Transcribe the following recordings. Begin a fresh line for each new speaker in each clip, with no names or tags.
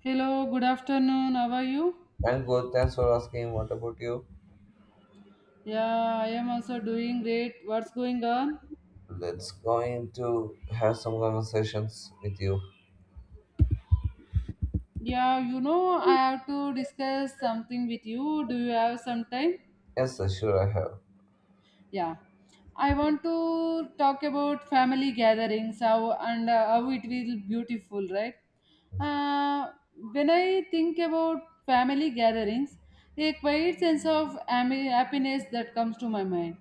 Hello, good afternoon. How are you?
I'm good. Thanks for asking. What about you?
Yeah, I am also doing great. What's going on?
Let's going to have some conversations with you.
Yeah, I have to discuss something with you. Do you have some time?
Yes, sir, sure I have.
Yeah. I want to talk about family gatherings, how it will beautiful, right? uh, when I think about family gatherings, a quiet sense of happiness that comes to my mind.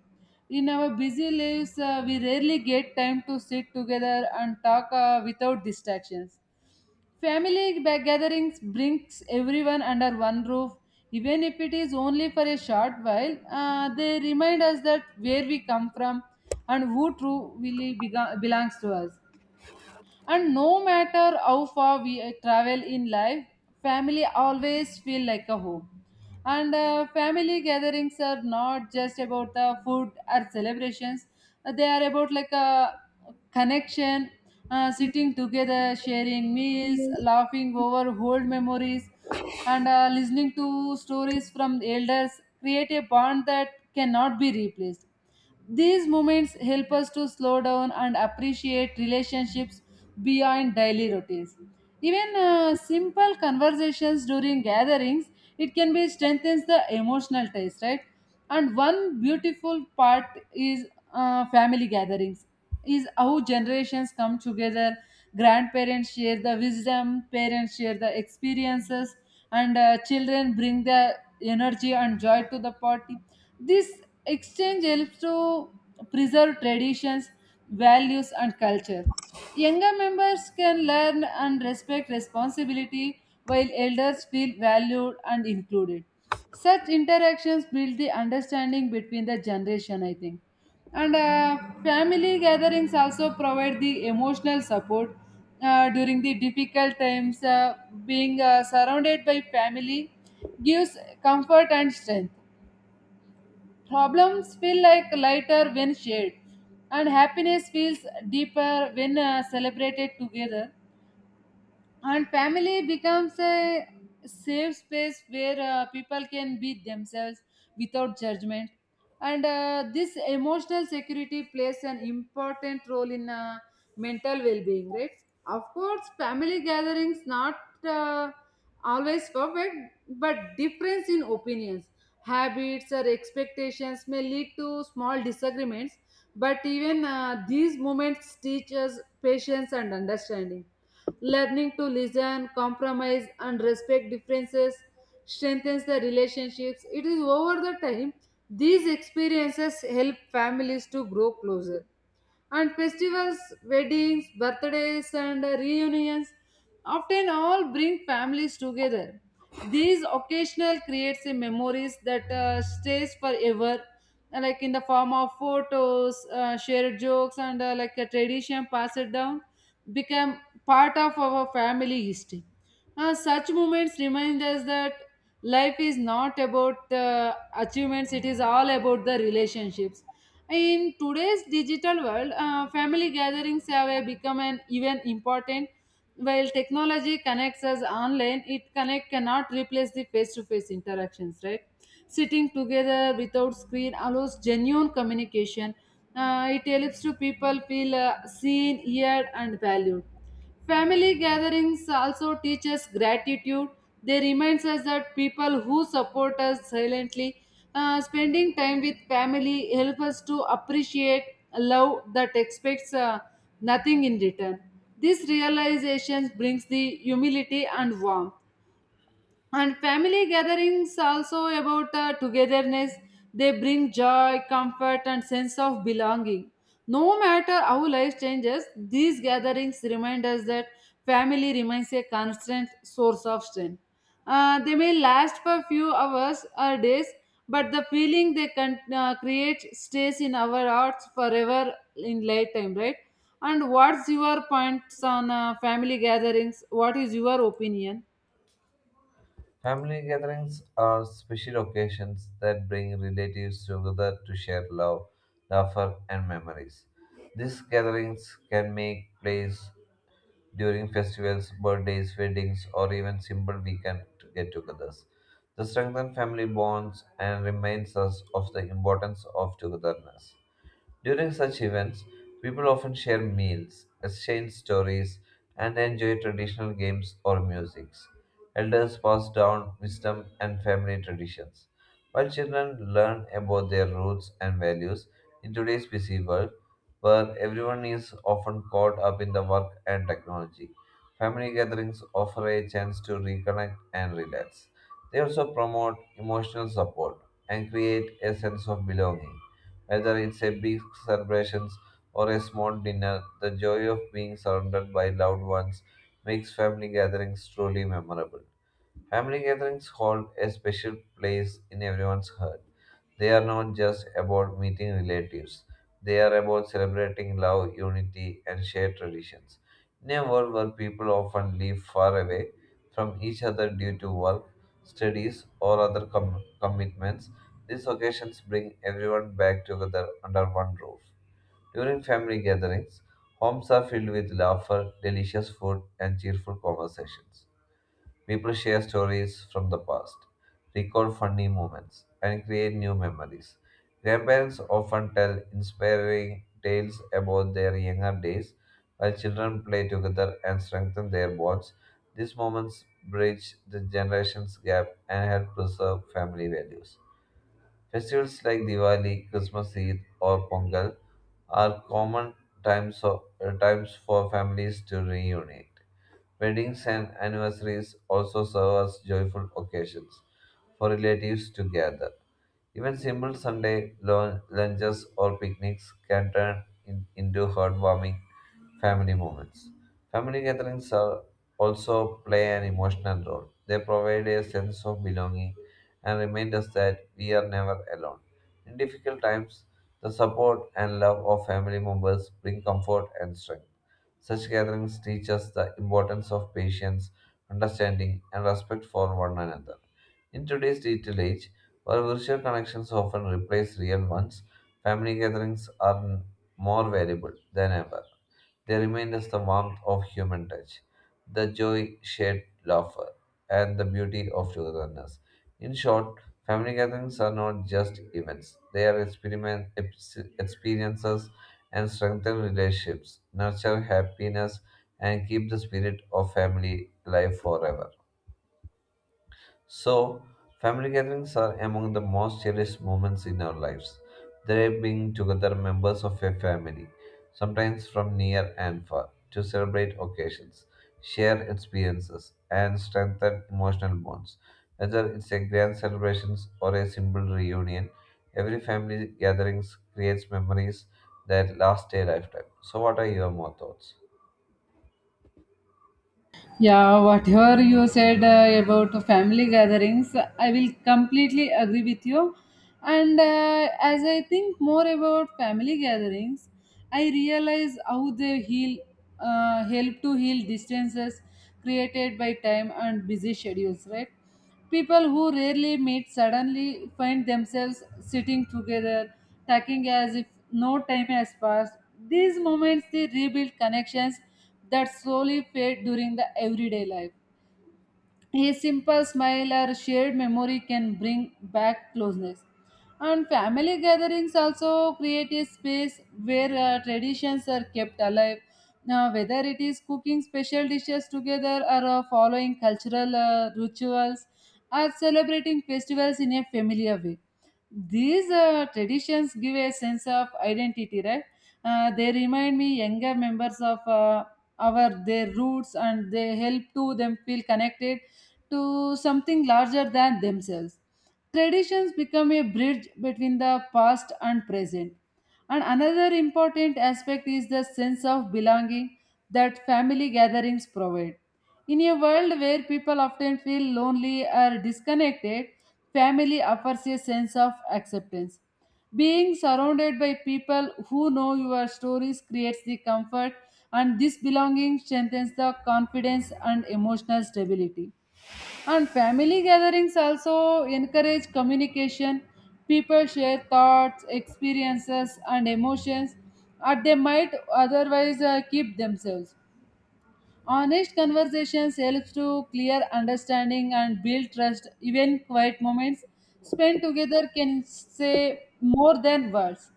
In our busy lives, we rarely get time to sit together and talk without distractions. Family gatherings brings everyone under one roof, even if it is only for a short while. They remind us that where we come from and who truly belongs to us, and no matter how far we travel in life, family always feel like a home. And family gatherings are not just about the food or celebrations. They are about, like, a connection, sitting together, sharing meals, laughing over old memories, and listening to stories from elders create a bond that cannot be replaced. These moments help us to slow down and appreciate relationships beyond daily routines. Even simple conversations during gatherings, it can be strengthens the emotional ties, right? And one beautiful part is family gatherings, is how generations come together. Grandparents share the wisdom, parents share the experiences, and children bring the energy and joy to the party. This exchange helps to preserve traditions, values, and culture. Younger members can learn and respect responsibility while elders feel valued and included. Such interactions build the understanding between the generation, I think. And family gatherings also provide the emotional support during the difficult times. Being surrounded by family gives comfort and strength. Problems feel like lighter when shared, and happiness feels deeper when celebrated together, and family becomes a safe space where people can be themselves without judgment. And this emotional security plays an important role in mental well-being, right? Of course, family gatherings not uh, always perfect, but difference in opinions, habits or expectations may lead to small disagreements, but even these moments teach us patience and understanding. Learning to listen, compromise, and respect differences strengthens the relationships. It is over the time, these experiences help families to grow closer. And festivals, weddings, birthdays, and reunions often all bring families together. These occasional creates a memories that stays forever, like in the form of photos, shared jokes, and like a tradition passed down, become part of our family history. Such moments remind us that life is not about the achievements; it is all about the relationships. In today's digital world, family gatherings have become an even important. While technology connects us online, it connect cannot replace the face-to-face interactions. Right, sitting together without screen allows genuine communication. It helps to people feel seen, heard, and valued. Family gatherings also teach us gratitude. They remind us that people who support us silently, spending time with family, help us to appreciate love that expects nothing in return. This realization brings the humility and warmth. And family gatherings also about togetherness. They bring joy, comfort, and sense of belonging. No matter how life changes, these gatherings remind us that family remains a constant source of strength. They may last for few hours or days, but the feeling they can create stays in our hearts forever in lifetime, right? And what's your points on family gatherings? What is your opinion?
Family gatherings are special occasions that bring relatives together to share love, laughter, and memories. These gatherings can make place during festivals, birthdays, weddings, or even simple weekend get-togethers. They strengthen family bonds and reminds us of the importance of togetherness. During such events, people often share meals, exchange stories, and enjoy traditional games or musics. Elders pass down wisdom and family traditions, while children learn about their roots and values in today's busy world, where everyone is often caught up in the work and technology. Family gatherings offer a chance to reconnect and relax. They also promote emotional support and create a sense of belonging. Whether it's a big celebrations or a small dinner, the joy of being surrounded by loved ones makes family gatherings truly memorable. Family gatherings hold a special place in everyone's heart. They are not just about meeting relatives, they are about celebrating love, unity, and shared traditions. In a world where people often live far away from each other due to work, studies, or other commitments, these occasions bring everyone back together under one roof. During family gatherings, homes are filled with laughter, delicious food, and cheerful conversations. People share stories from the past, recall funny moments, and create new memories. Grandparents often tell inspiring tales about their younger days, while children play together and strengthen their bonds. These moments bridge the generations gap and help preserve family values. Festivals like Diwali, Christmas Eid, or Pongal are common times for families to reunite. Weddings and anniversaries also serve as joyful occasions for relatives to gather. Even simple Sunday lunches or picnics can turn into heartwarming family moments. Family gatherings are also play an emotional role. They provide a sense of belonging and remind us that we are never alone. In difficult times, the support and love of family members bring comfort and strength. Such gatherings teach us the importance of patience, understanding, and respect for one another. In today's digital age, where virtual connections often replace real ones, family gatherings are more valuable than ever. They remind us the warmth of human touch, the joy shared laughter, and the beauty of togetherness. In short, family gatherings are not just events, they are experiences and strengthen relationships, nurture happiness, and keep the spirit of family alive forever. So, family gatherings are among the most cherished moments in our lives. They bring together members of a family, sometimes from near and far, to celebrate occasions, share experiences, and strengthen emotional bonds. Whether it's a grand celebration or a simple reunion, every family gathering creates memories that last a lifetime. So, what are your more thoughts?
Yeah, whatever you said about family gatherings, I will completely agree with you. And as I think more about family gatherings, I realize how they heal, help to heal distances created by time and busy schedules, right? People who rarely meet suddenly find themselves sitting together, talking as if no time has passed. These moments they rebuild connections that slowly fade during the everyday life. A simple smile or shared memory can bring back closeness. And family gatherings also create a space where traditions are kept alive. Now, whether it is cooking special dishes together or following cultural rituals or celebrating festivals in a familiar way, these traditions give a sense of identity, right? They remind me younger members of our their roots, and they help to them feel connected to something larger than themselves. Traditions become a bridge between the past and present. And another important aspect is the sense of belonging that family gatherings provide. In a world where people often feel lonely or disconnected, family offers a sense of acceptance. Being surrounded by people who know your stories creates the comfort, and this belonging strengthens the confidence and emotional stability. And family gatherings also encourage communication. People share thoughts, experiences, and emotions, and they might otherwise keep themselves. Honest conversations helps to clear understanding and build trust. Even quiet moments spent together can say more than words.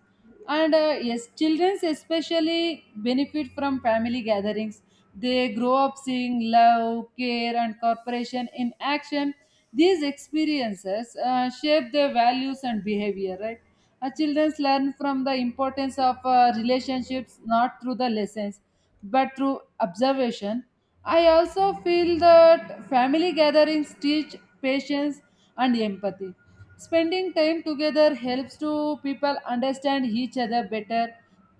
And yes, children especially benefit from family gatherings. They grow up seeing love, care, and cooperation in action. These experiences shape their values and behavior, right? Children learn from the importance of relationships not through the lessons but through observation. I also feel that family gatherings teach patience and empathy. Spending time together helps to people understand each other better.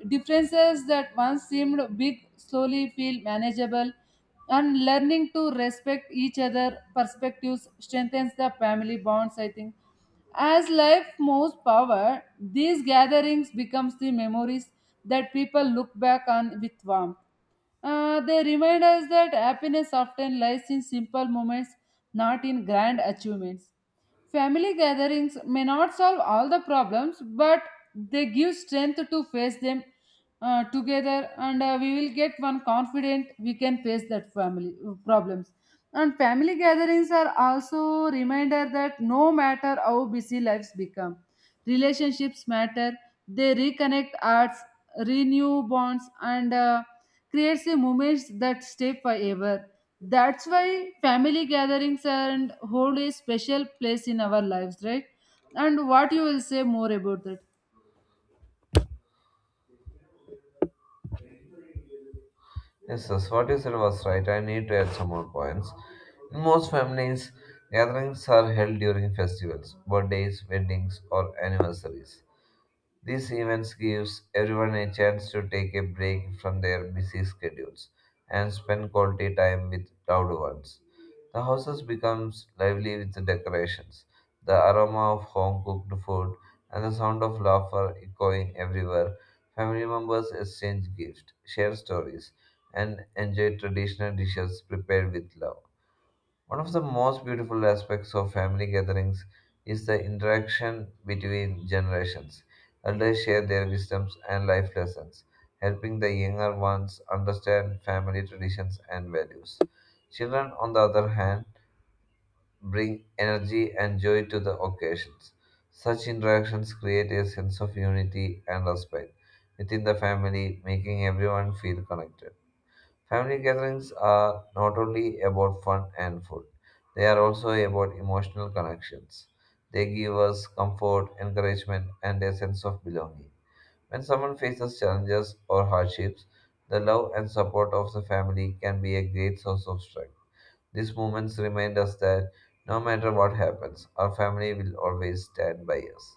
Differences that once seemed big slowly feel manageable, and learning to respect each other perspectives strengthens the family bonds, I think. As life moves power, these gatherings becomes the memories that people look back on with warmth. They remind us that happiness often lies in simple moments, not in grand achievements. Family gatherings may not solve all the problems, but they give strength to face them together, and we will get one confident we can face that family problems. And family gatherings are also reminder that no matter how busy lives become, relationships matter. They reconnect hearts, renew bonds, and creates the moments that stay forever. That's why family gatherings and hold a special place in our lives, right? And what you will say more about that?
Yes, yes, what you said was right. I need to add some more points. In most families, gatherings are held during festivals, birthdays, weddings, or anniversaries. These events gives everyone a chance to take a break from their busy schedules and spend quality time with loved ones. The houses becomes lively with the decorations, the aroma of home cooked food, and the sound of laughter echoing everywhere. Family members exchange gifts, share stories, and enjoy traditional dishes prepared with love. One of the most beautiful aspects of family gatherings is the interaction between generations. Elders share their wisdoms and life lessons, helping the younger ones understand family traditions and values. Children, on the other hand, bring energy and joy to the occasions. Such interactions create a sense of unity and respect within the family, making everyone feel connected. Family gatherings are not only about fun and food, they are also about emotional connections. They give us comfort, encouragement, and a sense of belonging. When someone faces challenges or hardships, the love and support of the family can be a great source of strength. These moments remind us that no matter what happens, our family will always stand by us.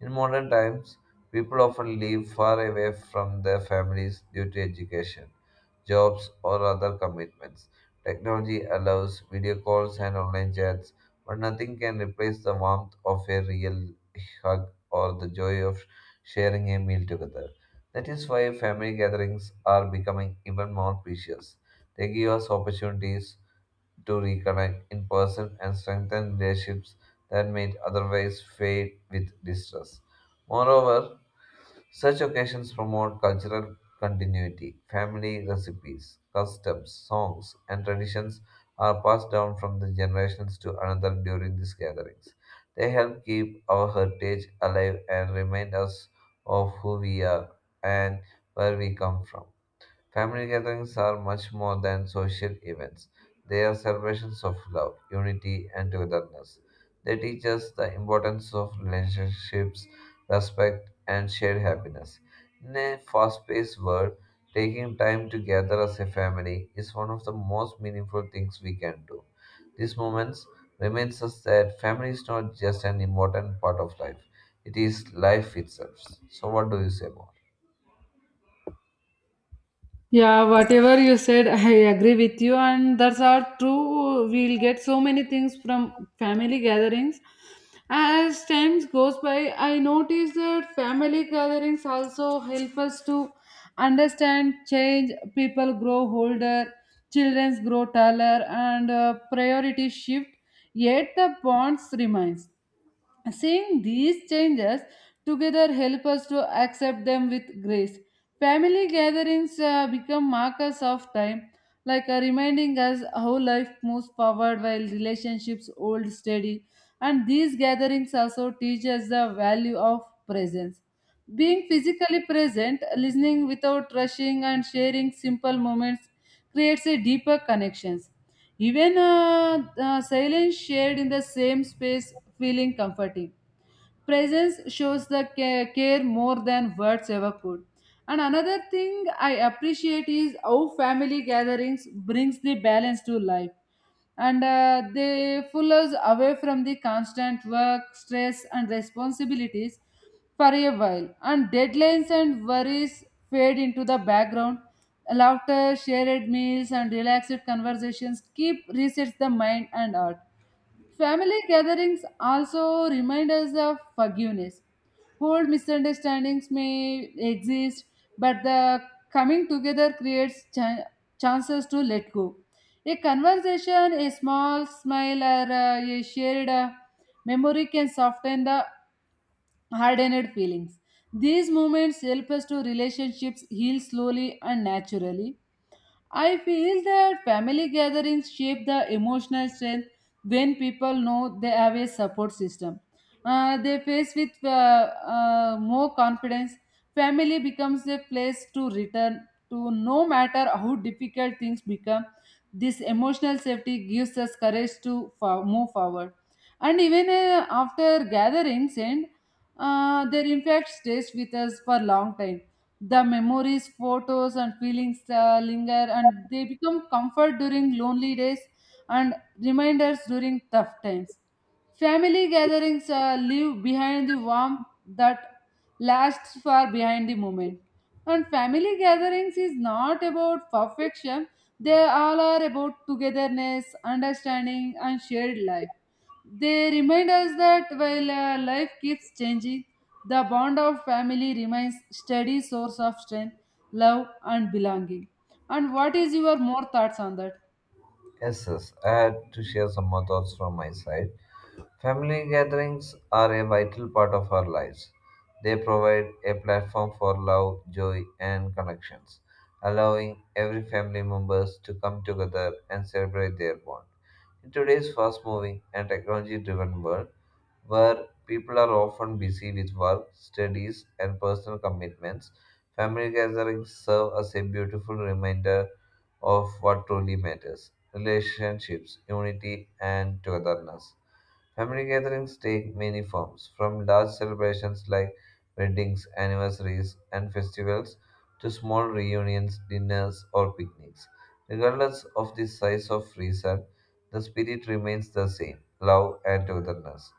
In modern times, people often live far away from their families due to education, jobs, or other commitments. Technology allows video calls and online chats, but nothing can replace the warmth of a real hug or the joy of sharing a meal together. That is why family gatherings are becoming even more precious. They give us opportunities to reconnect in person and strengthen relationships that might otherwise fade with distress. Moreover, such occasions promote cultural continuity. Family recipes, customs, songs, and traditions are passed down from the generations to another during these gatherings. They help keep our heritage alive and remind us of who we are and where we come from. Family gatherings are much more than social events. They are celebrations of love, unity, and togetherness. They teach us the importance of relationships, respect, and shared happiness. In a fast paced world, taking time to gather as a family is one of the most meaningful things we can do. These moments reminds us that family is not just an important part of life, it is life itself. So, what do you say more?
Yeah, whatever you said, I agree with you, and that's are true. We'll get so many things from family gatherings. As times goes by, I notice that family gatherings also help us to understand change. People grow older, children grow taller, and priorities shift. Yet the bonds remains. Seeing these changes together help us to accept them with grace. Family gatherings become markers of time, like reminding us how life moves forward while relationships hold steady. And these gatherings also teach us the value of presence. Being physically present, listening without rushing, and sharing simple moments creates a deeper connections. Even silence shared in the same space feeling comforting. Presence shows the care more than words ever could. And another thing I appreciate is how family gatherings brings the balance to life, and they pull us away from the constant work, stress, and responsibilities for a while. And deadlines and worries fade into the background. Laughter, shared meals, and relaxed conversations keep resets the mind and heart. Family gatherings also remind us of forgiveness. Old misunderstandings may exist, but the coming together creates chances to let go. A conversation, a small smile, or a shared memory can soften the hardened feelings. These moments help us to relationships heal slowly and naturally. I feel that family gatherings shape the emotional strength when people know they have a support system. They face with more confidence. Family becomes a place to return to no matter how difficult things become. This emotional safety gives us courage to move forward. And even after gatherings end, their impact stays with us for a long time. The memories, photos, and feelings linger, and they become comfort during lonely days and reminders during tough times. Family gatherings leave behind the warmth that lasts far behind the moment. And family gatherings is not about perfection, they all are about togetherness, understanding, and shared life. They remind us that while life keeps changing, the bond of family remains steady source of strength, love and belonging. And what is your more thoughts on that?
Yes, yes. I had to share some more thoughts from my side. Family gatherings are a vital part of our lives. They provide a platform for love, joy, and connections, allowing every family members to come together and celebrate their bond. In today's fast-moving and technology-driven world, where people are often busy with work, studies, and personal commitments, family gatherings serve as a beautiful reminder of what truly matters relationships, unity, and togetherness. Family gatherings take many forms, from large celebrations like weddings, anniversaries, and festivals to small reunions, dinners, or picnics. Regardless of the size of reason, the spirit remains the same love and togetherness.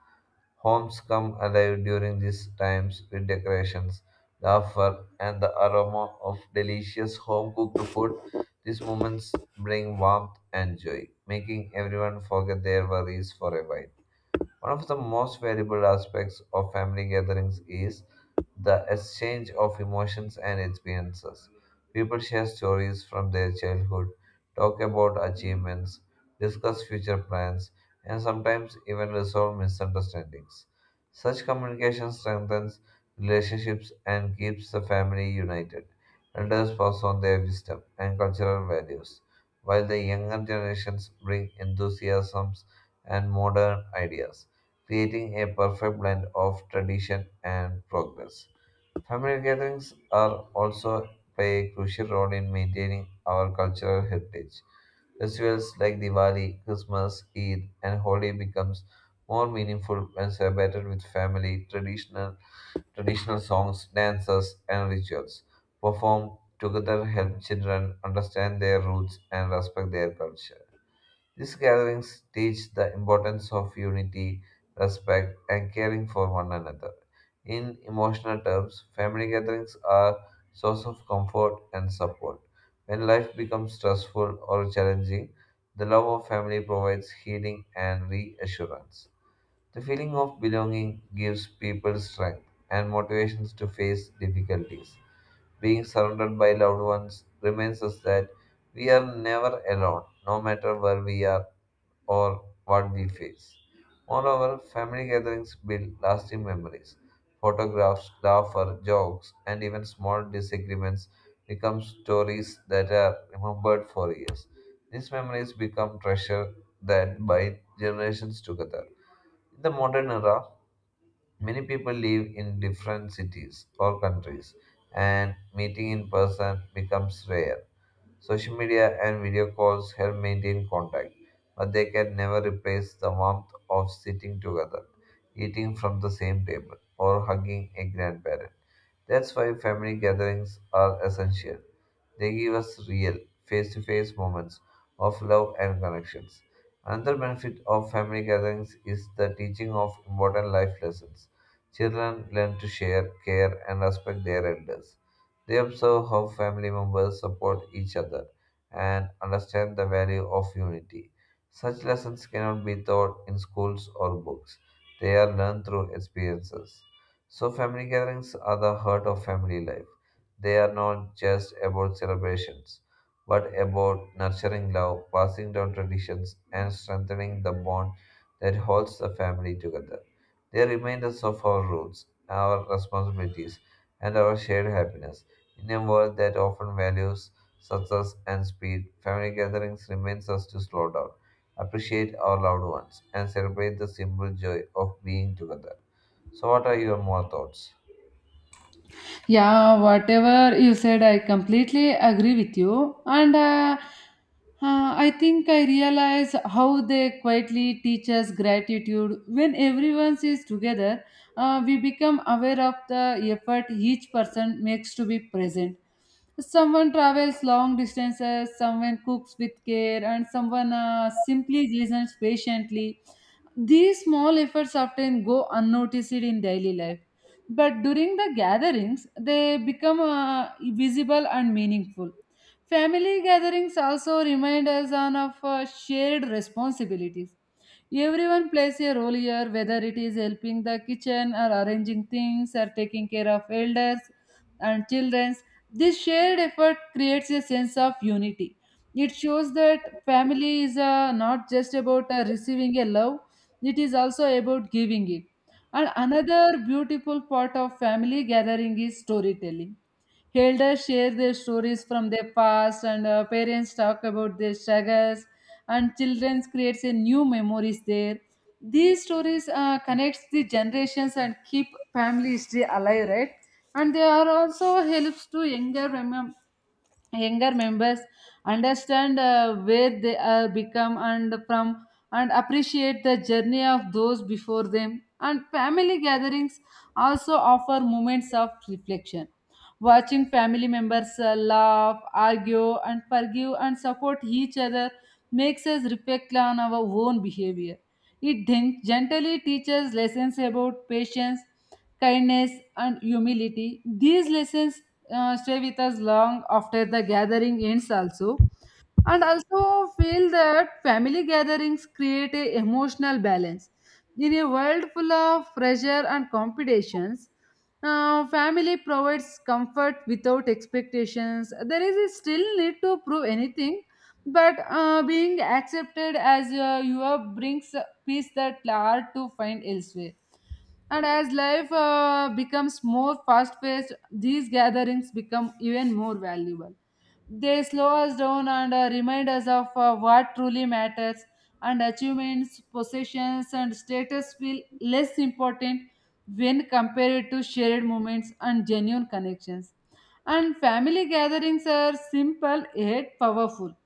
Homes come alive during these times with decorations, laughter, and the aroma of delicious home cooked food. These moments bring warmth and joy, making everyone forget their worries for a while. One of the most valuable aspects of family gatherings is the exchange of emotions and experiences. People share stories from their childhood, talk about achievements, discuss future plans, and sometimes even resolve misunderstandings. Such communication strengthens relationships and keeps the family united. Elders pass on their wisdom and cultural values, while the younger generations bring enthusiasms and modern ideas creating a perfect blend of tradition and progress. Family gatherings are also play a crucial role in maintaining our cultural heritage. Festivals like Diwali, Christmas, Eid, and Holi becomes more meaningful when celebrated with family, traditional traditional songs, dances, and rituals. Performed together help children understand their roots and respect their culture. These gatherings teach the importance of unity, respect, and caring for one another. In emotional terms, family gatherings are source of comfort and support. When life becomes stressful or challenging, the love of family provides healing and reassurance. The feeling of belonging gives people strength and motivations to face difficulties being surrounded by loved ones reminds us that we are never alone, no matter where we are or what we face. Moreover, family gatherings build lasting memories. Photographs, laughter, jokes, and even small disagreements become stories that are remembered for years. These memories become treasure that bind generations together. In the modern era, many people live in different cities or countries, and meeting in person becomes rare. Social media and video calls help maintain contact, but they can never replace the warmth of sitting together, eating from the same table, or hugging a grandparent. That's why family gatherings are essential. They give us real, face to face moments of love and connections. Another benefit of family gatherings is the teaching of important life lessons. Children learn to share, care, and respect their elders. They observe how family members support each other and understand the value of unity. Such lessons cannot be taught in schools or books, they are learned through experiences. So, family gatherings are the heart of family life. They are not just about celebrations, but about nurturing love, passing down traditions, and strengthening the bond that holds the family together. They remind us of our roots, our responsibilities, and our shared happiness. In a world that often values success and speed, family gatherings reminds us to slow down, appreciate our loved ones, and celebrate the simple joy of being together. So, what are your more thoughts?
Yeah, whatever you said, I completely agree with you. And I think I realize how they quietly teach us gratitude. When everyone is together, we become aware of the effort each person makes to be present. Someone travels long distances, someone cooks with care, and someone simply listens patiently. These small efforts often go unnoticed in daily life, but during the gatherings, they become visible and meaningful. Family gatherings also remind us on of shared responsibilities. Everyone plays a role here, whether it is helping the kitchen or arranging things or taking care of elders and children. This shared effort creates a sense of unity. It shows that family is not just about receiving a love, it is also about giving it. And another beautiful part of family gathering is storytelling. Elders share their stories from their past, and parents talk about their struggles, and children creates a new memories there. These stories connects the generations and keep family history alive, right? And they are also helps to younger members understand where they are become and from and appreciate the journey of those before them. And family gatherings also offer moments of reflection. Watching family members laugh, argue, and forgive and support each other makes us reflect on our own behavior. It then gently teaches lessons about patience, kindness, and humility. These lessons stay with us long after the gathering ends, also and also feel that family gatherings create a emotional balance in a world full of pressure and competitions. Family provides comfort without expectations there is a still need to prove anything but being accepted as you are brings peace that hard to find elsewhere. And as life becomes more fast paced these gatherings become even more valuable. They slow us down and remind us of what truly matters, and achievements, possessions, and status feel less important when compared to shared moments and genuine connections. And family gatherings are simple yet powerful.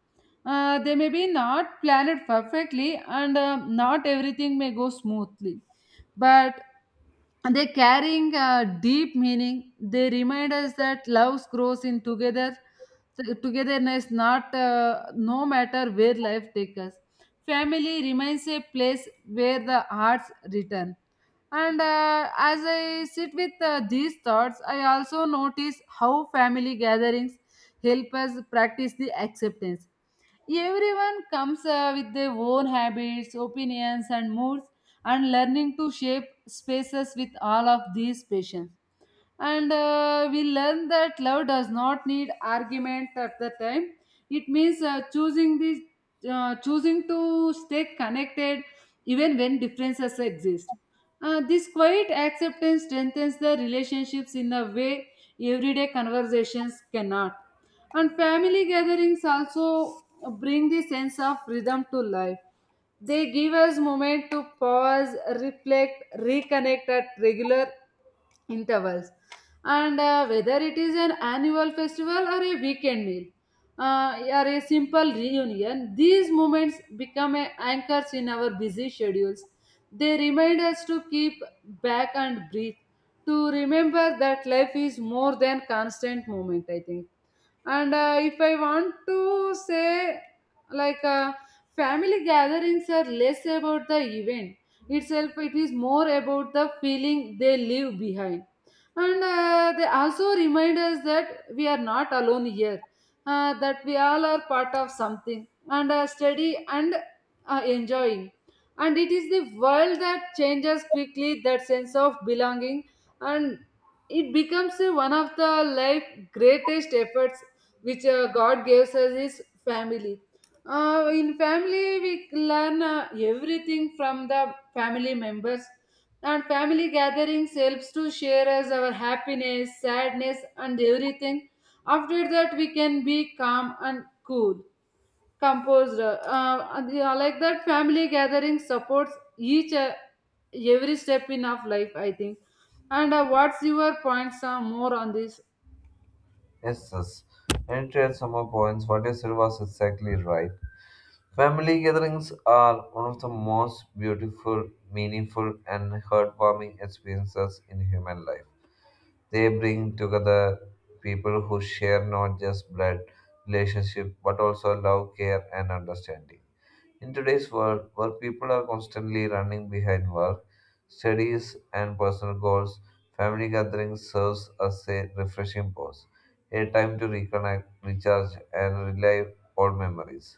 They may be not planned perfectly, and not everything may go smoothly, but and they're carrying a deep meaning. They remind us that love grows in together, so togetherness, not no matter where life takes us. Family remains a place where the hearts return. And As I sit with these thoughts, I also notice how family gatherings help us practice the acceptance. Everyone comes with their own habits, opinions, and moods, and learning to shape spaces with all of these patients. And We learn that love does not need argument at the time. It means choosing to stay connected even when differences exist. This quiet acceptance strengthens the relationships in a way everyday conversations cannot. And family gatherings also bring the sense of rhythm to life. They give us moment to pause, reflect, reconnect at regular intervals. And Whether it is an annual festival or a weekend meal or a simple reunion, these moments become a anchors in our busy schedules. They remind us to keep back and breathe, to remember that life is more than constant moment, I think. And if I want to say, like, uh, family gatherings are less about the event itself, it is more about the feeling they leave behind. And They also remind us that we are not alone here, that we all are part of something and study and enjoying. And it is the world that changes quickly, that sense of belonging, and it becomes one of the life greatest efforts which God gives us is family. In family, we learn everything from the family members, and family gatherings helps to share us our happiness, sadness, and everything. After that, we can be calm and cool, composed. And, yeah, like that, family gathering supports each every step in of life, I think. And what's your points more on this?
Yes, yes. And to add some more points, what you said was exactly right. Family gatherings are one of the most beautiful, meaningful, and heartwarming experiences in human life. They bring together people who share not just blood relationship but also love, care, and understanding. In today's world, where people are constantly running behind work, studies, and personal goals, family gatherings serves as a refreshing pause, a time to reconnect, recharge, and relive old memories.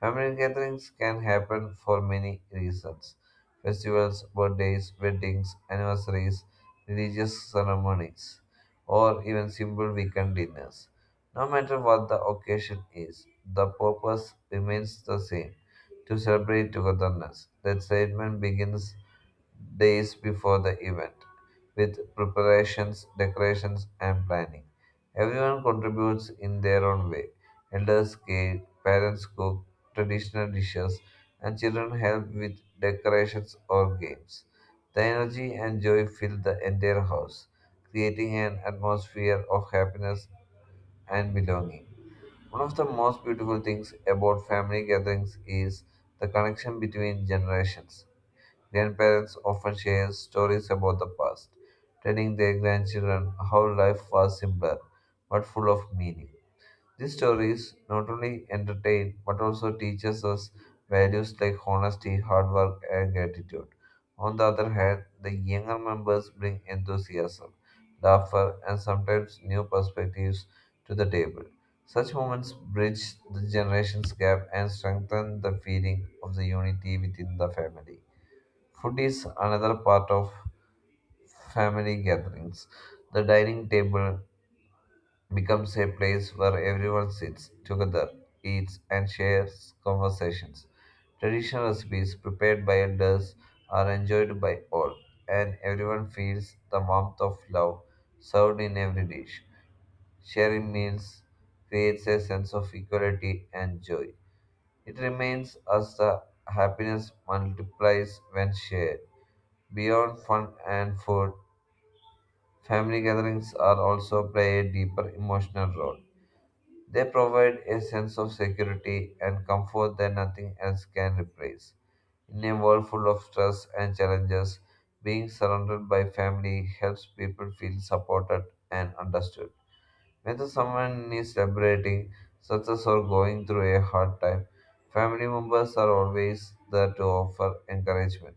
Family gatherings can happen for many reasons festivals, birthdays, weddings, anniversaries, religious ceremonies, or even simple weekend dinners. No matter what the occasion is, the purpose remains the same to celebrate togetherness. The excitement begins days before the event with preparations, decorations, and planning. Everyone contributes in their own way. Elders gate, parents cook traditional dishes, and children help with decorations or games. The energy and joy fill the entire house, creating an atmosphere of happiness and belonging. One of the most beautiful things about family gatherings is the connection between generations. Grandparents often share stories about the past, telling their grandchildren how life was simpler but full of meaning. These stories not only entertain but also teaches us values like honesty, hard work, and gratitude. On the other hand, the younger members bring enthusiasm, laughter, and sometimes new perspectives to the table. Such moments bridge the generations gap and strengthen the feeling of the unity within the family. Food is another part of family gatherings. The dining table becomes a place where everyone sits together, eats, and shares conversations. Traditional recipes prepared by elders are enjoyed by all, and everyone feels the warmth of love served in every dish. Sharing meals creates a sense of equality and joy. It remains as the happiness multiplies when shared. Beyond fun and food, family gatherings are also play a deeper emotional role they provide a sense of security and comfort that nothing else can replace. In a world full of stress and challenges, being surrounded by family helps people feel supported and understood. Whether someone is celebrating success or going through a hard time, family members are always there to offer encouragement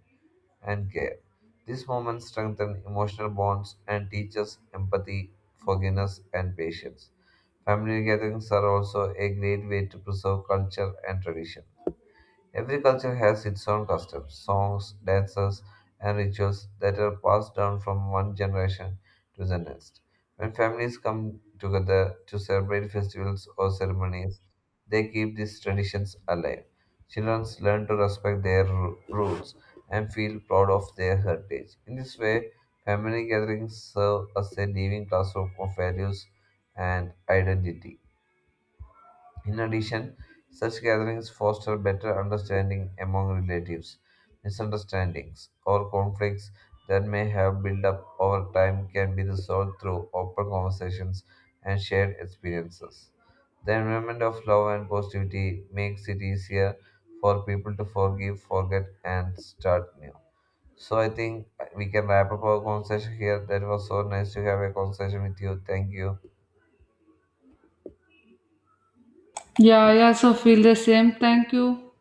and care. These moments strengthen emotional bonds and teach us empathy, forgiveness, and patience. Family gatherings are also a great way to preserve culture and tradition. Every culture has its own customs, songs, dances, and rituals that are passed down from one generation to the next. When families come together to celebrate festivals or ceremonies, they keep these traditions alive. Children learn to respect their roots and feel proud of their heritage. In this way, family gatherings serve as a living classroom of values and identity. In addition, such gatherings foster better understanding among relatives. Misunderstandings or conflicts that may have built up over time can be resolved through open conversations and shared experiences. The environment of love and positivity makes it easier for people to forgive, forget, and start new. So I think we can wrap up our conversation here. That was so nice to have a conversation with you. Thank you.
Yeah, I also feel the same. Thank you.